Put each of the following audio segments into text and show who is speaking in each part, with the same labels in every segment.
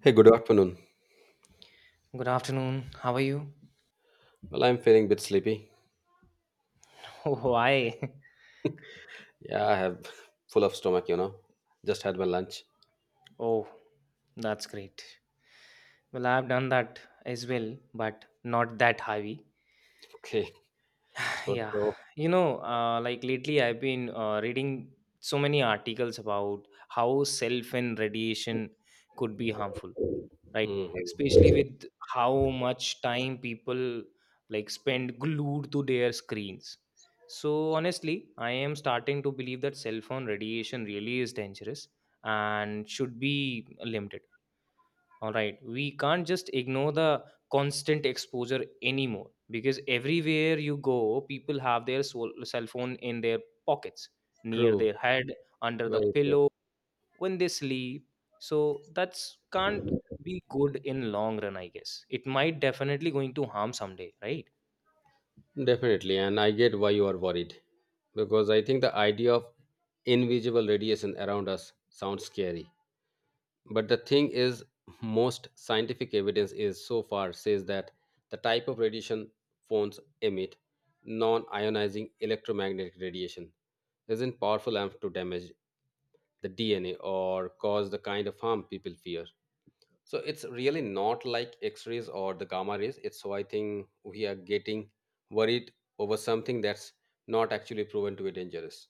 Speaker 1: Hey, good afternoon.
Speaker 2: Good afternoon. How are you?
Speaker 1: Well, I'm feeling a bit sleepy.
Speaker 2: Oh, I.
Speaker 1: Yeah, I have full of stomach, Just had my lunch.
Speaker 2: Oh, that's great. Well, I've done that as well, but not that heavy.
Speaker 1: Okay, it's good.
Speaker 2: Yeah.
Speaker 1: So,
Speaker 2: Like lately I've been reading so many articles about how cell phone radiation could be harmful. Right,
Speaker 1: hmm,
Speaker 2: especially with how much time people like spend glued to their screens. So honestly, I am starting to believe that cell phone radiation really is dangerous and should be limited. All right, we can't just ignore the constant exposure anymore, because everywhere you go people have their cell phone in their pockets, near
Speaker 1: true,
Speaker 2: their head, under the
Speaker 1: very true.
Speaker 2: pillow when they sleep. So that's can't be good in long run. I guess it might definitely going to harm someday, right?
Speaker 1: Definitely, and I get why you are worried because I think the idea of invisible radiation around us sounds scary. But the thing is, most scientific evidence is so far says that the type of radiation phones emit non-ionizing electromagnetic radiation isn't powerful enough to damage the DNA or cause the kind of harm people fear. So it's really not like X rays or the gamma rays. It's so I think we are getting worried over something that's not actually proven to be dangerous.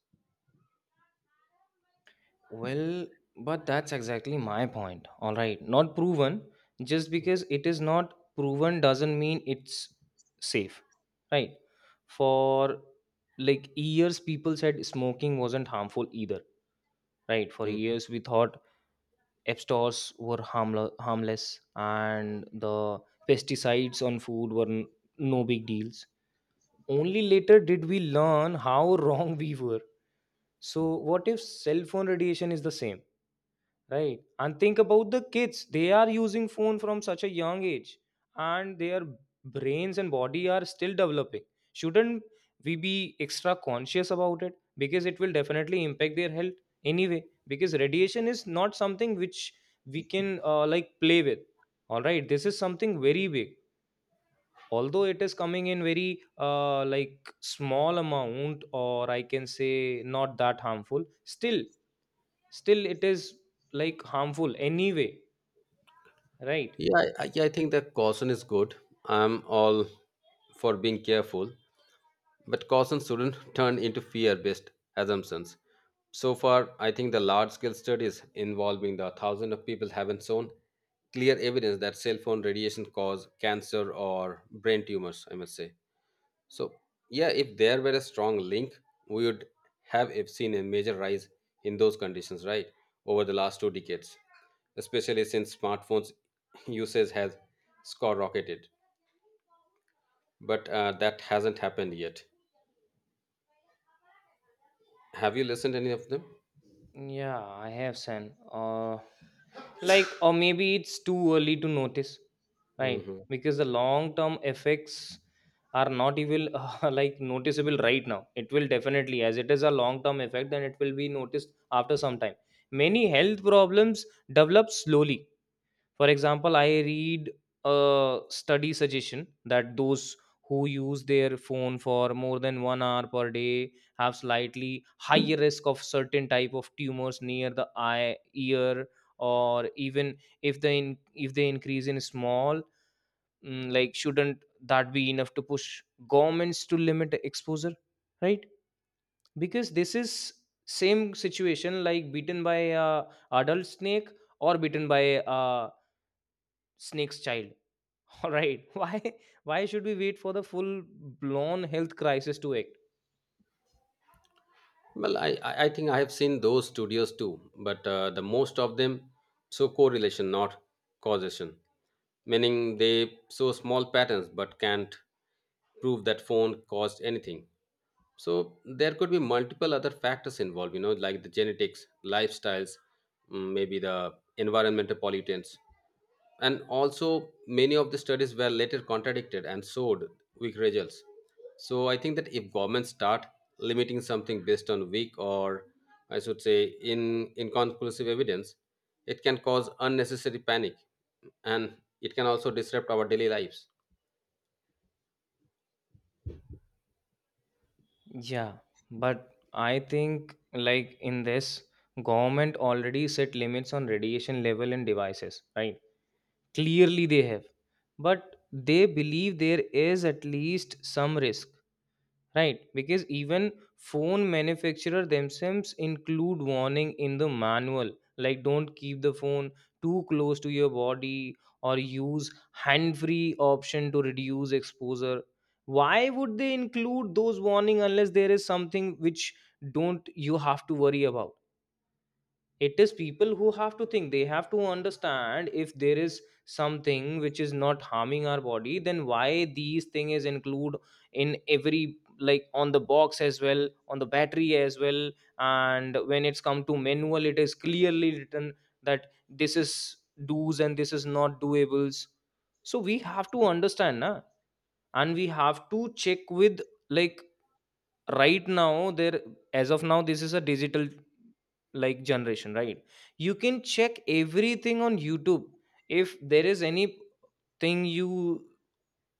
Speaker 2: Well, but that's exactly my point. All right, not proven. Just because it is not proven doesn't mean it's safe, right? For like years people said smoking wasn't harmful either, right? For
Speaker 1: Mm.
Speaker 2: years we thought app stores were harmless, and the pesticides on food were no big deals. Only later did we learn how wrong we were. So what if cell phone radiation is the same? Right. And think about the kids. They are using phone from such a young age, and their brains and body are still developing. Shouldn't we be extra conscious about it? Because it will definitely impact their health anyway. Because radiation is not something which we can like play with. All right. This is something very big. Although it is coming in very like small amount, or I can say not that harmful, still it is like harmful anyway. Right.
Speaker 1: Yeah, I I think that caution is good. I'm all for being careful, but caution shouldn't turn into fear based assumptions. So far, I think the large scale studies involving the thousands of people haven't shown clear evidence that cell phone radiation cause cancer or brain tumors, I must say. So yeah, if there were a strong link, we would have if seen a major rise in those conditions, right, over the last 2 decades, especially since smartphones usage has skyrocketed, but that hasn't happened yet. Have you listened any of them?
Speaker 2: Yeah, I have seen. Like, or maybe it's too early to notice, right?
Speaker 1: Hmm.
Speaker 2: Because the long term effects are not even like noticeable right now. It will definitely, as it is a long term effect, then it will be noticed after some time. Many health problems develop slowly. For example, I read a study suggestion that those who use their phone for more than 1 hour per day have slightly higher risk of certain type of tumors near the eye, ear, or even if they increase in small, mm, like shouldn't that be enough to push governments to limit exposure, right? Because this is same situation like beaten by a adult snake or beaten by a snake's child, all right. Why should we wait for the full blown health crisis to act?
Speaker 1: Well, I think I have seen those studios too, but the most of them show correlation, not causation, meaning they show small patterns but can't prove that phone caused anything. So there could be multiple other factors involved, you know, like the genetics, lifestyles, maybe the environmental pollutants, and also many of the studies were later contradicted and showed weak results. So I think that if governments start limiting something based on weak or I should say in inconclusive evidence, it can cause unnecessary panic and it can also disrupt our daily lives.
Speaker 2: Yeah, but I think like in this government already set limits on radiation level and devices, right? Clearly they have. But they believe there is at least some risk. Right, because even phone manufacturer themselves include warning in the manual, like don't keep the phone too close to your body, or use hand-free option to reduce exposure. Why would they include those warning unless there is something which don't you have to worry about? It is people who have to think. They have to understand, if there is something which is not harming our body, then why these thing is include in every, like on the box as well, on the battery as well. And when it's come to manual, it is clearly written that this is do's and this is not doables. So we have to understand, na? And we have to check with, like, right now there, as of now, this is a digital like generation, right? You can check everything on YouTube. If there is anything you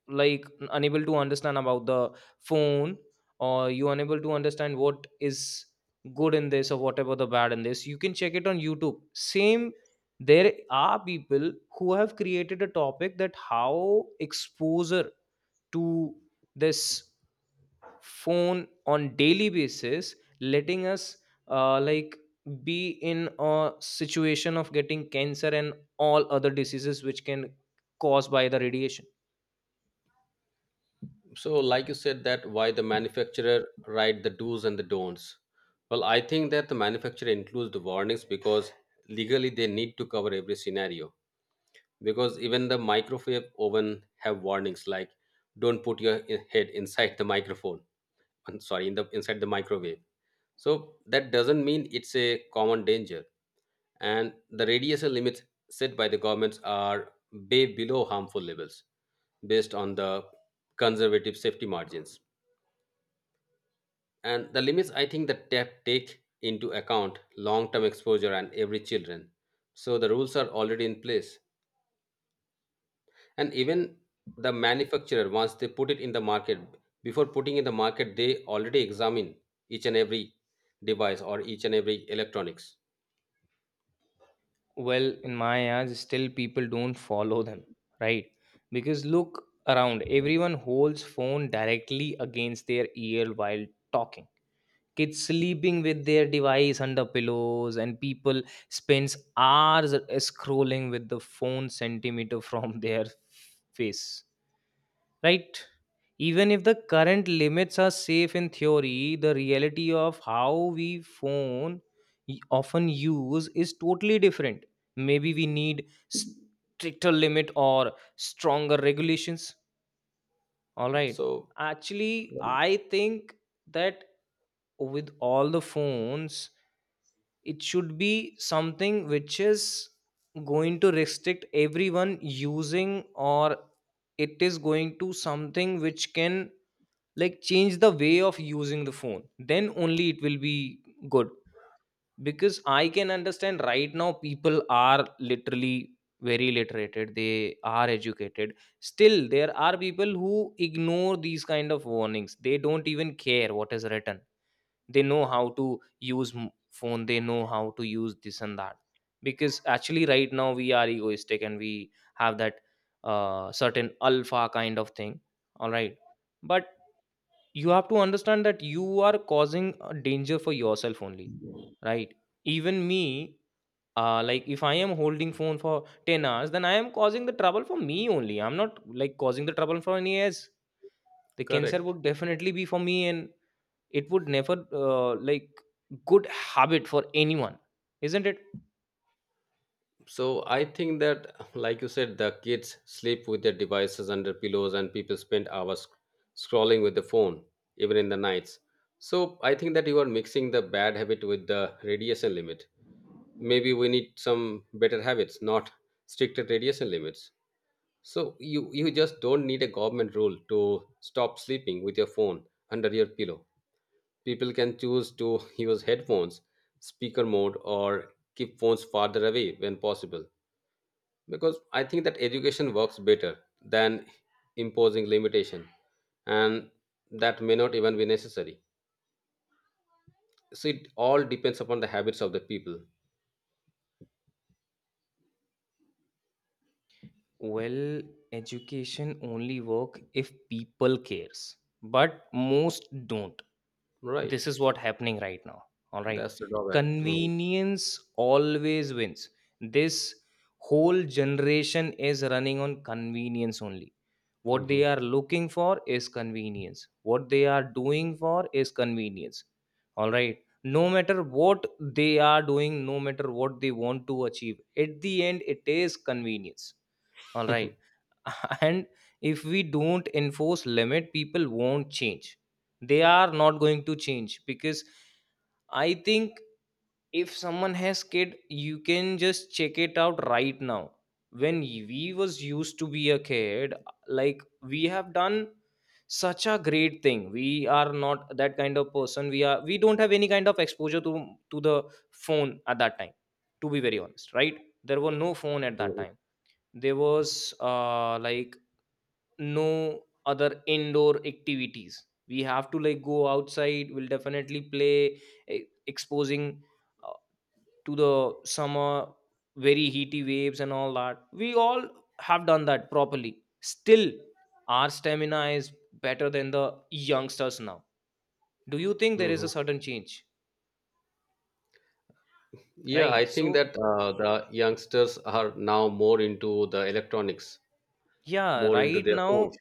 Speaker 2: like unable to understand about the phone, or you unable to understand what is good in this or whatever the bad in this, you can check it on YouTube same. There are people who have created a topic that how exposure to this phone on daily basis letting us like be in a situation of getting cancer and all other diseases which can cause by the radiation.
Speaker 1: So like you said that why the manufacturer write the do's and the don'ts, well I think that the manufacturer includes the warnings because legally they need to cover every scenario, because even the microwave oven have warnings like don't put your head inside the microphone. I'm sorry, in the inside the microwave. So that doesn't mean it's a common danger. And the radiation limits set by the governments are way below harmful levels, based on the conservative safety margins, and the limits, I think that take into account long term exposure and every children. So the rules are already in place, and even the manufacturer, once they put it in the market, before putting in the market they already examine each and every device or each and every electronics.
Speaker 2: Well, in my eyes still people don't follow them, right? Because look around, everyone holds phone directly against their ear while talking. Kids sleeping with their device under pillows, and people spends hours scrolling with the phone centimeter from their face, right? Even if the current limits are safe in theory, the reality of how we phone often use is totally different. Maybe we need stricter limit or stronger regulations, all right.
Speaker 1: So
Speaker 2: Actually, I think that with all the phones, it should be something which is going to restrict everyone using, or it is going to something which can like change the way of using the phone, then only it will be good. Because I can understand, right now people are literally very literated, they are educated, still there are people who ignore these kind of warnings. They don't even care what is written. They know how to use phone, they know how to use this and that. Because actually right now we are egoistic, and we have that certain alpha kind of thing, all right. But you have to understand that you are causing a danger for yourself only, right? Even me, like if I am holding phone for 10 hours, then I am causing the trouble for me only. I'm not like causing the trouble for any else. The cancer
Speaker 1: correct.
Speaker 2: would definitely be for me, and it would never like good habit for anyone, isn't it?
Speaker 1: So I think that, like you said, the kids sleep with their devices under pillows and people spend hours scrolling with the phone, even in the nights. So I think that you are mixing the bad habit with the radiation limit. Maybe we need some better habits, not stricter radiation limits. So you just don't need a government rule to stop sleeping with your phone under your pillow. People can choose to use headphones, speaker mode, or keep phones farther away when possible. Because I think that education works better than imposing limitation, and that may not even be necessary. So it all depends upon the habits of the people,
Speaker 2: Well, education only work if people cares, but most don't.
Speaker 1: right?
Speaker 2: This is what happening right now, all right.
Speaker 1: That's the drawback.
Speaker 2: Convenience always wins. This whole generation is running on convenience only. What
Speaker 1: Hmm
Speaker 2: they are looking for is convenience, what they are doing for is convenience. All right, no matter what they are doing, no matter what they want to achieve, at the end it is convenience, all right. And if we don't enforce limit, people won't change. They are not going to change, because I think if someone has kid, you can just check it out right now. When we was used to be a kid, like we have done such a great thing. We are not that kind of person. We don't have any kind of exposure to the phone at that time, to be very honest, right? There were no phone at that
Speaker 1: hmm
Speaker 2: time. There was like no other indoor activities. We have to like go outside, we'll definitely play, e- exposing uh, to the summer, very heaty waves and all that. We all have done that properly. Still, our stamina is better than the youngsters now. Do you think there is
Speaker 1: hmm
Speaker 2: a sudden change?
Speaker 1: Yeah, I
Speaker 2: Right,
Speaker 1: think
Speaker 2: so
Speaker 1: that the youngsters are now more into the electronics,
Speaker 2: yeah,
Speaker 1: more into
Speaker 2: right
Speaker 1: their phones.
Speaker 2: now,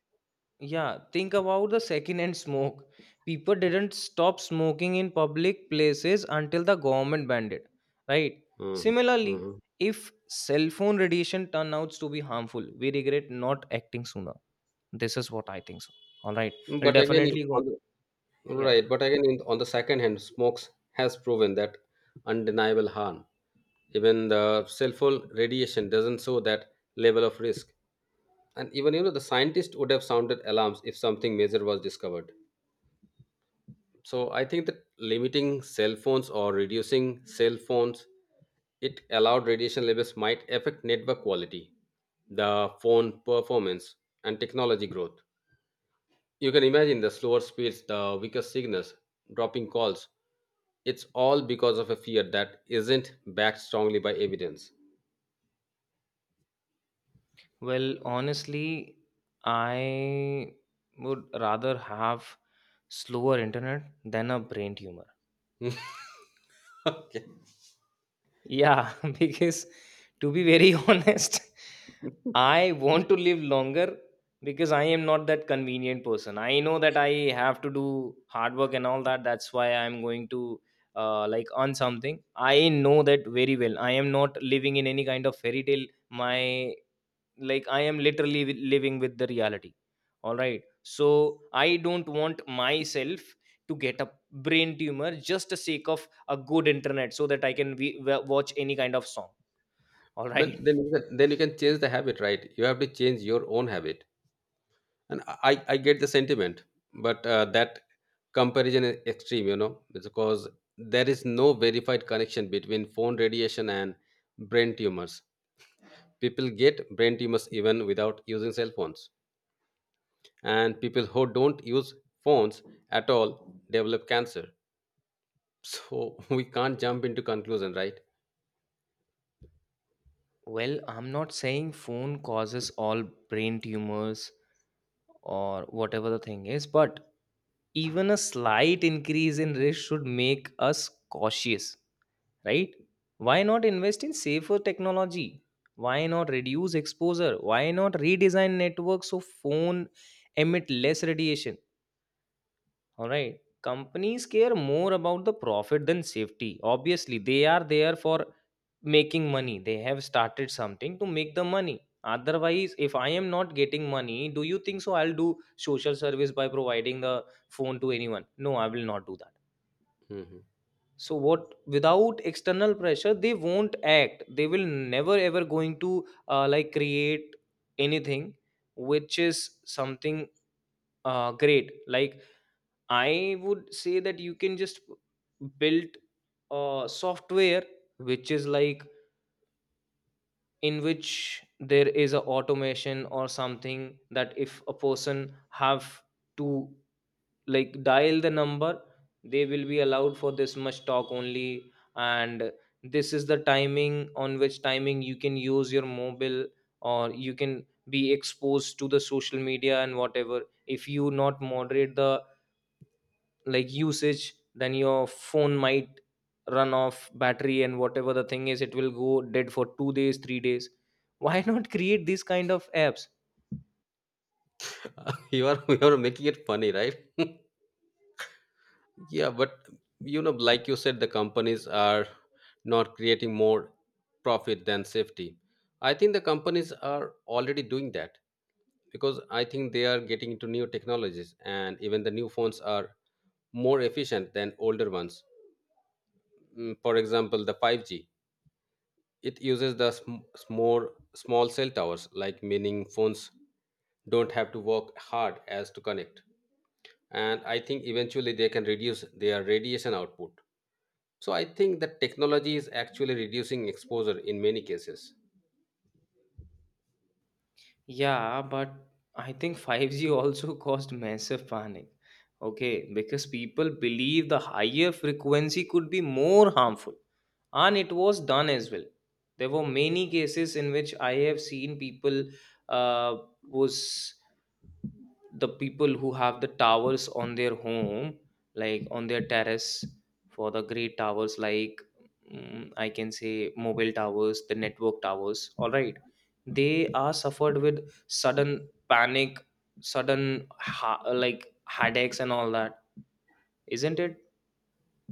Speaker 2: yeah, think about the secondhand smoke. People didn't stop smoking in public places until the government banned it, right?
Speaker 1: Mhm,
Speaker 2: Similarly,
Speaker 1: mhm.
Speaker 2: if cell phone radiation turnouts to be harmful, we regret not acting sooner. This is what I think so. All right. I'll
Speaker 1: But again,
Speaker 2: definitely go.
Speaker 1: on the,
Speaker 2: Yeah.
Speaker 1: right? But again, in, on the second hand, smokes has proven that undeniable harm. Even the cell phone radiation doesn't show that level of risk. And even you know, the scientists would have sounded alarms if something major was discovered. So I think that limiting cell phones or reducing cell phones, it allowed radiation levels might affect network quality, the phone performance, and technology growth. You can imagine the slower speeds, the weaker signals, dropping calls. It's all because of a fear that isn't backed strongly by evidence.
Speaker 2: Well, honestly, I would rather have slower internet than a brain tumor.
Speaker 1: Okay.
Speaker 2: Yeah, because to be very honest, I want to live longer. Because I am not that convenient person. I know that I have to do hard work and all that. That's why I'm going to like earn something. I know that very well. I am not living in any kind of fairy tale. My like, I am literally living with the reality, all right. So I don't want myself to get a brain tumor just the sake of a good internet so that I can watch any kind of song, all right.
Speaker 1: But then can, then you can change the habit, right? You have to change your own habit. And I get the sentiment, but that comparison is extreme, you know, because there is no verified connection between phone radiation and brain tumors. People get brain tumors even without using cell phones, and people who don't use phones at all develop cancer. So we can't jump into conclusion, right?
Speaker 2: Well, I'm not saying phone causes all brain tumors or whatever the thing is, but even a slight increase in risk should make us cautious, right? Why not invest in safer technology? Why not reduce exposure? Why not redesign networks so phone emit less radiation? All right, companies care more about the profit than safety. Obviously they are there for making money. They have started something to make the money. Otherwise, if I am not getting money, do you think so I'll do social service by providing the phone to anyone? No, I will not do that.
Speaker 1: Mhm.
Speaker 2: So what, without external pressure they won't act. They will never ever going to like create anything which is something great. Like, I would say that you can just build software which is like, in which there is a automation or something, that if a person have to like dial the number, they will be allowed for this much talk only. And this is the timing, on which timing you can use your mobile, or you can be exposed to the social media and whatever. If you not moderate the like usage, then your phone might run off battery, and whatever the thing is, it will go dead for 2 days, 3 days. Why not create these kind of apps?
Speaker 1: You are making it funny, right? Yeah, but you know, like you said, the companies are not creating more profit than safety. I think the companies are already doing that because I think they are getting into new technologies and even the new phones are more efficient than older ones. For example, the 5G, it uses the more small cell towers, like meaning phones don't have to work hard as to connect. And I think eventually they can reduce their radiation output. So I think that technology is actually reducing exposure in many cases.
Speaker 2: Yeah, but I think 5G also caused massive panic. Okay, because people believe the higher frequency could be more harmful, and it was done as well. There were many cases in which I have seen people uh, was the people who have the towers on their home, like on their terrace, for the great towers, like I can say mobile towers, the network towers. All right, they are suffered with sudden panic, sudden like headaches and all that, isn't it?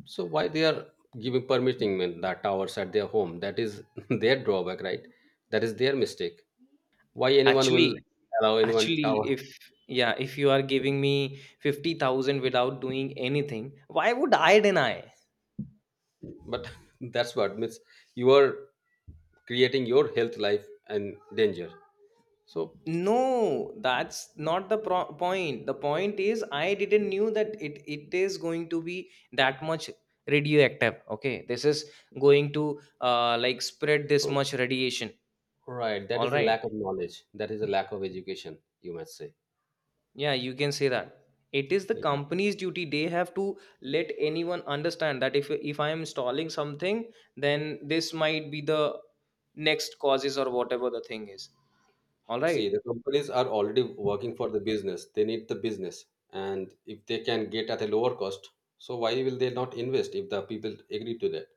Speaker 1: So why they are giving permitting men that towers at their home? That is their drawback, right? That is their mistake. Why anyone will
Speaker 2: actually
Speaker 1: allow anyone
Speaker 2: actually
Speaker 1: tower?
Speaker 2: if yeah, if you are giving me 50,000 without doing anything, why would I deny?
Speaker 1: But that's what means you are creating your health life and danger. So,
Speaker 2: No, that's not the point. The point is, I didn't knew that it is going to be that much radioactive. Okay, this is going to like spread this
Speaker 1: so
Speaker 2: much radiation.
Speaker 1: right, that
Speaker 2: All
Speaker 1: is a
Speaker 2: right,
Speaker 1: lack of knowledge. That is a lack of education, you might say.
Speaker 2: yeah, you can say that. It is the
Speaker 1: Yeah.
Speaker 2: company's duty. They have to let anyone understand that if I am installing something, then this might be the next causes or whatever the thing is, all
Speaker 1: See,
Speaker 2: right?
Speaker 1: the companies are already working for the business. They need the business. And if they can get at a lower cost, so why will they not invest if the people agree to that?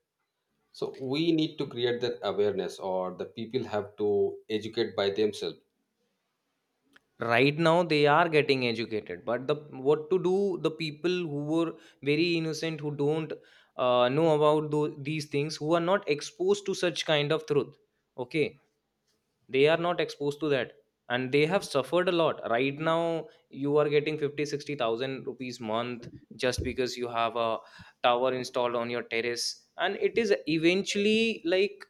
Speaker 1: So we need to create that awareness or the people have to educate by themselves.
Speaker 2: Right now they are getting educated, but the what to do, the people who were very innocent, who don't know about these things, who are not exposed to such kind of truth. Okay, they are not exposed to that, and they have suffered a lot. Right now you are getting 50, 60000 rupees month, just because you have a tower installed on your terrace and it is eventually like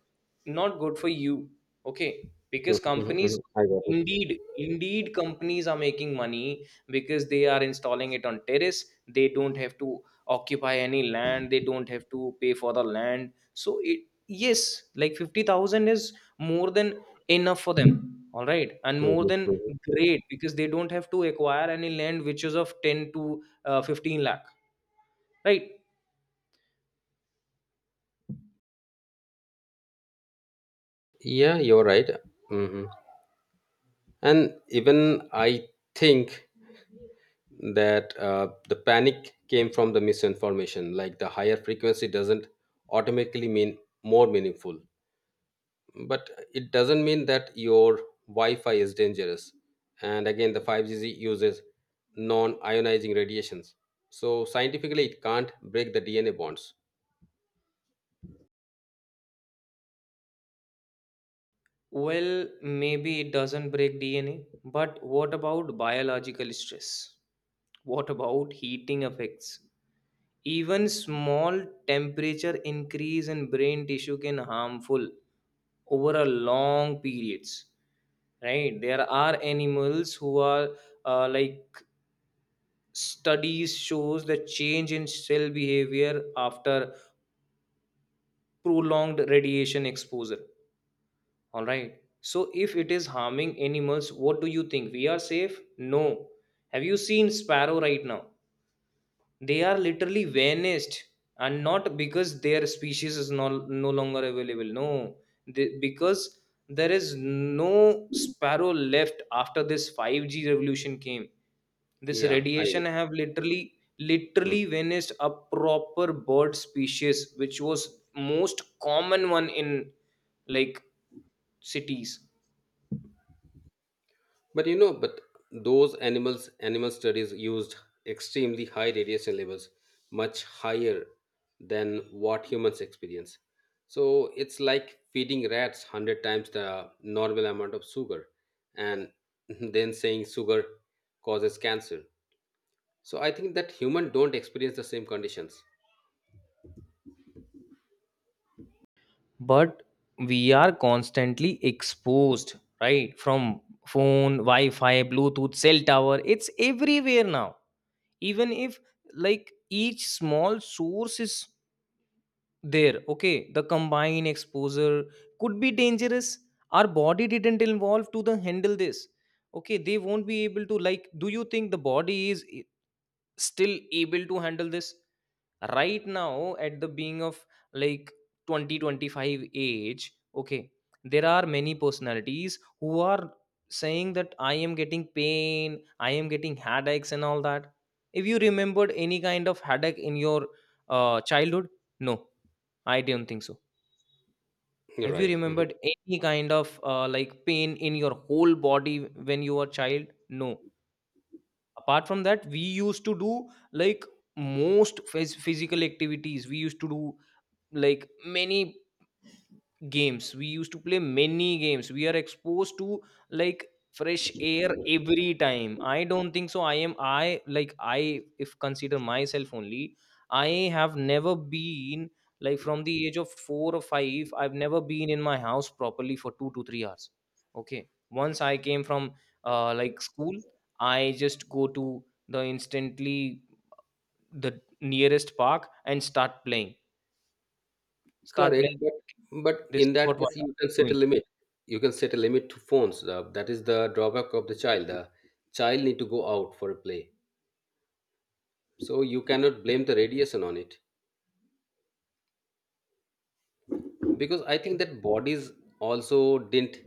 Speaker 2: not good for you. Okay, because
Speaker 1: Mhm,
Speaker 2: companies,
Speaker 1: mhm. I got it.
Speaker 2: indeed, indeed companies are making money, because they are installing it on terrace, they don't have to occupy any land, they don't have to pay for the land. So it, yes, like 50,000 is more than enough for them, all right, and more
Speaker 1: Mhm,
Speaker 2: than
Speaker 1: mhm.
Speaker 2: great, because they don't have to acquire any land, which is of 10 to 15 lakh, right?
Speaker 1: Yeah, you're right. Hmm. And even I think that the panic came from the misinformation. Like the higher frequency doesn't automatically mean more meaningful. But it doesn't mean that your wi-fi is dangerous, and again the 5G uses non-ionizing radiations, so scientifically it can't break the dna bonds.
Speaker 2: Well, maybe it doesn't break DNA, but what about biological stress? What about heating effects? Even small temperature increase in brain tissue can harmful over a long periods. Right, there are animals who are uh, like studies shows the change in cell behavior after prolonged radiation exposure. All right, so if it is harming animals, what do you think, we are safe? No. Have you seen sparrow? Right now they are literally vanished, and not because their species is no, no longer available. No, they, because there is no sparrow left after this 5G revolution came. This
Speaker 1: Yeah I
Speaker 2: radiation have literally, literally vanished a proper bird species which was most common one in, like, cities.
Speaker 1: But you know, but those animals, animal studies used extremely high radiation levels, much higher than what humans experience. So it's like feeding rats 100 times the normal amount of sugar and then saying sugar causes cancer. So I think that human don't experience the same conditions.
Speaker 2: But we are constantly exposed, right, from phone, wi-fi, bluetooth, cell tower, it's everywhere now. Even if, like, each small source is there, okay, the combined exposure could be dangerous. Our body didn't evolve to the handle this. Okay, they won't be able to, like, do you think the body is still able to handle this right now at the being of, like, 2025 age? Okay, there are many personalities who are saying that I am getting pain, I am getting headaches and all that. If you remembered any kind of headache in your childhood? No, I don't think so.
Speaker 1: You're
Speaker 2: Have you
Speaker 1: right.
Speaker 2: remembered any kind of like pain in your whole body when you were child? No. Apart from that, we used to do like most physical activities, we used to do, like, many games, we used to play many games, we are exposed to, like, fresh air every time. I don't think so. I, if consider myself only, I have never been, like, from the age of 4 or 5, I've never been in my house properly for 2 to 3 hours. Okay, once I came from like school, I just go to the instantly the nearest park and start playing, start
Speaker 1: Correct,
Speaker 2: playing.
Speaker 1: but
Speaker 2: This is
Speaker 1: in that
Speaker 2: what
Speaker 1: case, you
Speaker 2: I'm
Speaker 1: can set a
Speaker 2: doing.
Speaker 1: limit. You can set a limit to phones. That is the drawback of the child. The child need to go out for a play, so you cannot blame the radiation on it because I think that bodies also didn't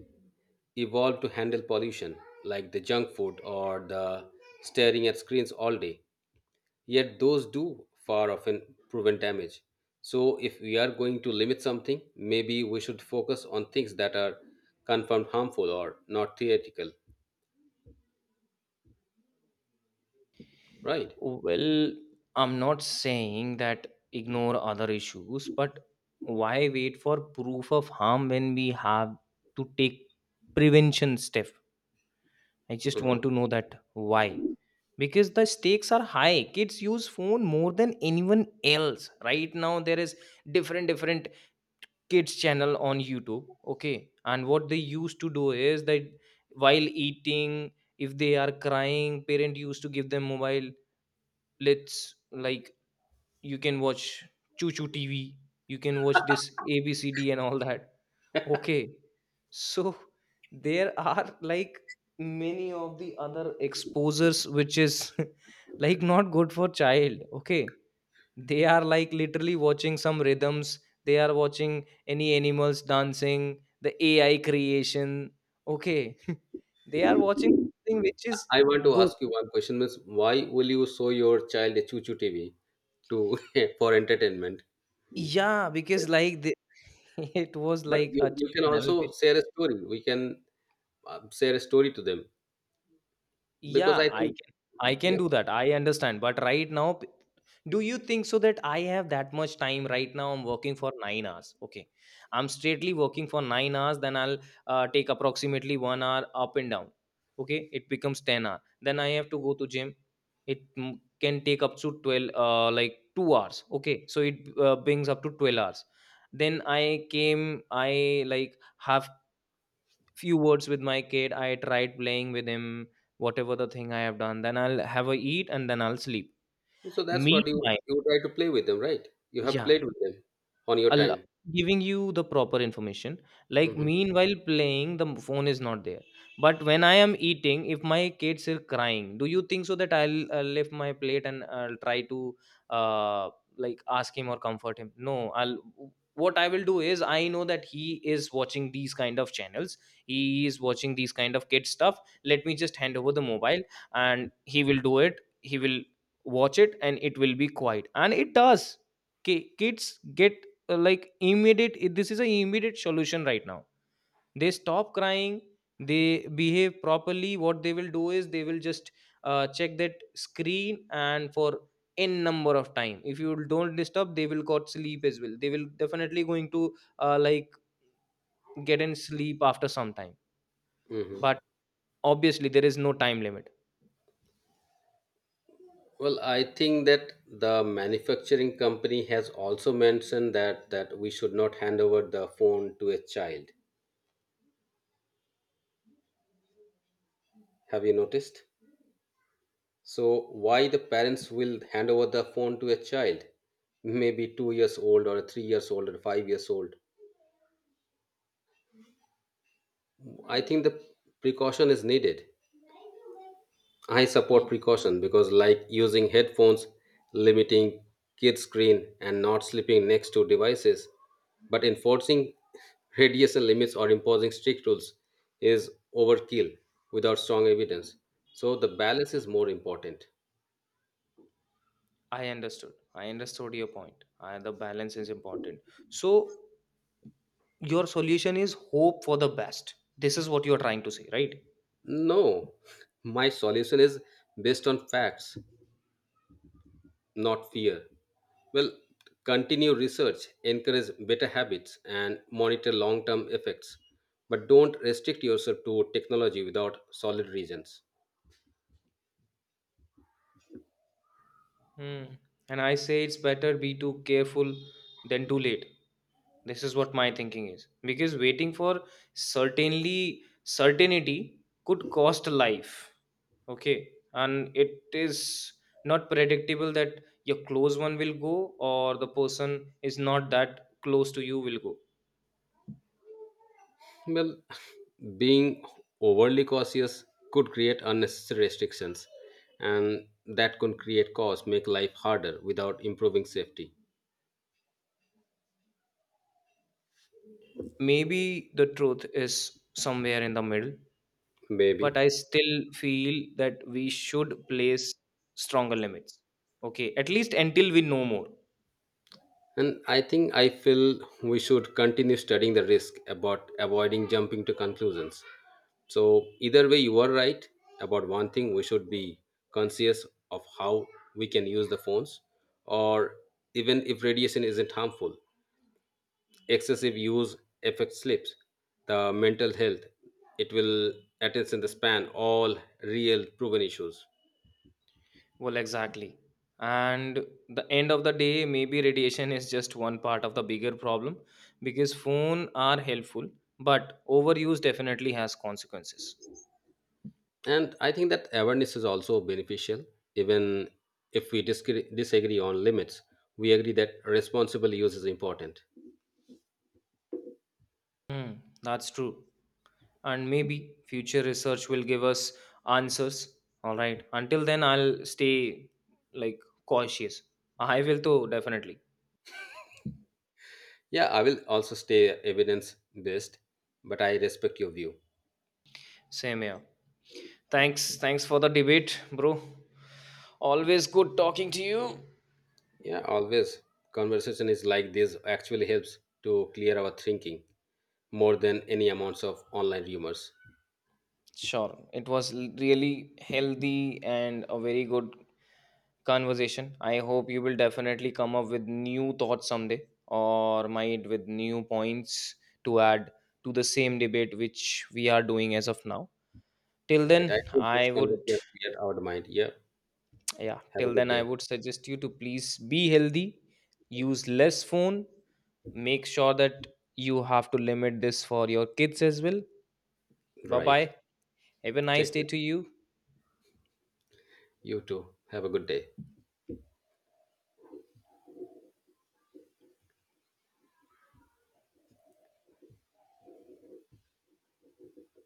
Speaker 1: evolve to handle pollution like the junk food or the staring at screens all day. Yet those do far often proven damage. So, if we are going to limit something, maybe we should focus on things that are confirmed harmful or not theoretical, right?
Speaker 2: Well, I'm not saying that ignore other issues, but why wait for proof of harm when we have to take prevention step? I just
Speaker 1: Mhm.
Speaker 2: want to know that why. Because the stakes are high. Kids use phone more than anyone else. Right now there is different different kids channel on YouTube. Okay. And what they used to do is that while eating, if they are crying, parent used to give them mobile. Let's like you can watch Choo Choo TV, you can watch this ABCD and all that. Okay, so there are like many of the other exposures which is like not good for child. Okay, they are like literally watching some rhythms, they are watching any animals dancing, the AI creation. Okay, they are watching something which is
Speaker 1: I want to
Speaker 2: good.
Speaker 1: ask you one question: Miss, why will you show your child a choo-choo TV to for entertainment?
Speaker 2: Yeah,
Speaker 1: Yeah.
Speaker 2: because like it was
Speaker 1: But
Speaker 2: like a
Speaker 1: you can
Speaker 2: channel
Speaker 1: also
Speaker 2: which,
Speaker 1: share a story. We can share a story to them because
Speaker 2: yeah,
Speaker 1: I
Speaker 2: I
Speaker 1: think
Speaker 2: can, I can
Speaker 1: yeah.
Speaker 2: do that. I understand. But right now, do you think so that I have that much time right now? I'm working for 9 hours. Okay, I'm straightly working for 9 hours. Then I'll take approximately 1 hour up and down. Okay, it becomes 10 hour. Then I have to go to gym. It can take up to 12, like 2 hours. Okay, so it brings up to 12 hours. Then I came. I like have few words with my kid, I tried playing with him, whatever the thing I have done. Then I'll have a eat and then I'll sleep
Speaker 1: So that's what you
Speaker 2: meanwhile.
Speaker 1: you try to play with them, right? You have
Speaker 2: Yeah,
Speaker 1: played with them on your
Speaker 2: al-
Speaker 1: time.
Speaker 2: giving you the proper information, like
Speaker 1: hmm
Speaker 2: meanwhile playing the phone is not there. But when I am eating, if my kids are crying, do you think so that I lift my plate and I'll try to uh, like ask him or comfort him? No, I'll, what I will do is, I know that he is watching these kind of channels, he is watching these kind of kid stuff, let me just hand over the mobile, and he will do it. He will watch it and it will be quiet, and it does. Kids get this is a immediate solution right now. They stop crying, they behave properly. What they will do is they will just check that screen, and for n number of time, if you don't disturb, they will got sleep as well. They will definitely going to like get in sleep after some time.
Speaker 1: hmm
Speaker 2: But obviously there is no time limit.
Speaker 1: Well, I think that the manufacturing company has also mentioned that that we should not hand over the phone to a child. Have you noticed? So why the parents will hand over the phone to a child, maybe 2 years old or 3 years old or 5 years old? I think the precaution is needed. I support
Speaker 2: Y-
Speaker 1: precaution because, like using headphones, limiting kids' screen, and not sleeping next to devices, but enforcing radiation limits or imposing strict rules is overkill without strong evidence. So, the balance is more important.
Speaker 2: I understood, I understood your point. I, the balance is important. So your solution is hope for the best, this is what you are trying to say, right?
Speaker 1: No, my solution is based on facts, not fear. Well, continue research, encourage better habits, and monitor long term effects. But don't restrict yourself to technology without solid reasons.
Speaker 2: Hmm. And I say it's better be too careful than too late. This is what my thinking is. Because waiting for certainly certainty could cost a life. Okay. And it is not predictable that your close one will go, or the person is not that close to you will go.
Speaker 1: Well, being overly cautious could create unnecessary restrictions, and that could create cause, make life harder without improving safety.
Speaker 2: Maybe the truth is somewhere in the middle, but
Speaker 1: Maybe.
Speaker 2: I still feel that we should place stronger limits. Okay, at least until we know more.
Speaker 1: And I think I feel we should continue studying the risk about avoiding jumping to conclusions. So, either way, you are right about one thing: we should be conscious of how we can use the phones, or even if radiation isn't harmful, excessive use affects sleeps, the mental health, it will attention the span, all real proven issues.
Speaker 2: Well, exactly. And the end of the day, maybe radiation is just one part of the bigger problem, because phone are helpful, but overuse definitely has consequences.
Speaker 1: And I think that awareness is also beneficial. Even if we disagree, disagree on limits, we agree that responsible use is important.
Speaker 2: Hmm, that's true. And maybe future research will give us answers. All right. Until then, I'll stay, like, cautious. I will too, definitely.
Speaker 1: Yeah, I will also stay evidence based, but I respect your view.
Speaker 2: Same here. Thanks. Thanks for the debate, bro. Always good talking to you.
Speaker 1: Yeah, always. Conversation is like this actually helps to clear our thinking more than any amounts of online rumors.
Speaker 2: Sure. It was really healthy and a very good conversation. I hope you will definitely come up with new thoughts someday, or might with new points to add to the same debate which we are doing as of now. Till
Speaker 1: Right.
Speaker 2: then,
Speaker 1: I think this
Speaker 2: I would,
Speaker 1: conversation has cleared our mind. Yeah.
Speaker 2: yeah,
Speaker 1: Have a
Speaker 2: till
Speaker 1: good
Speaker 2: then, I
Speaker 1: day.
Speaker 2: would suggest you to please be healthy, use less phone, make sure that you have to limit this for your kids as well. Bye
Speaker 1: Right.
Speaker 2: bye. Have a nice
Speaker 1: Take
Speaker 2: day
Speaker 1: care.
Speaker 2: to you.
Speaker 1: You too. Have a good day.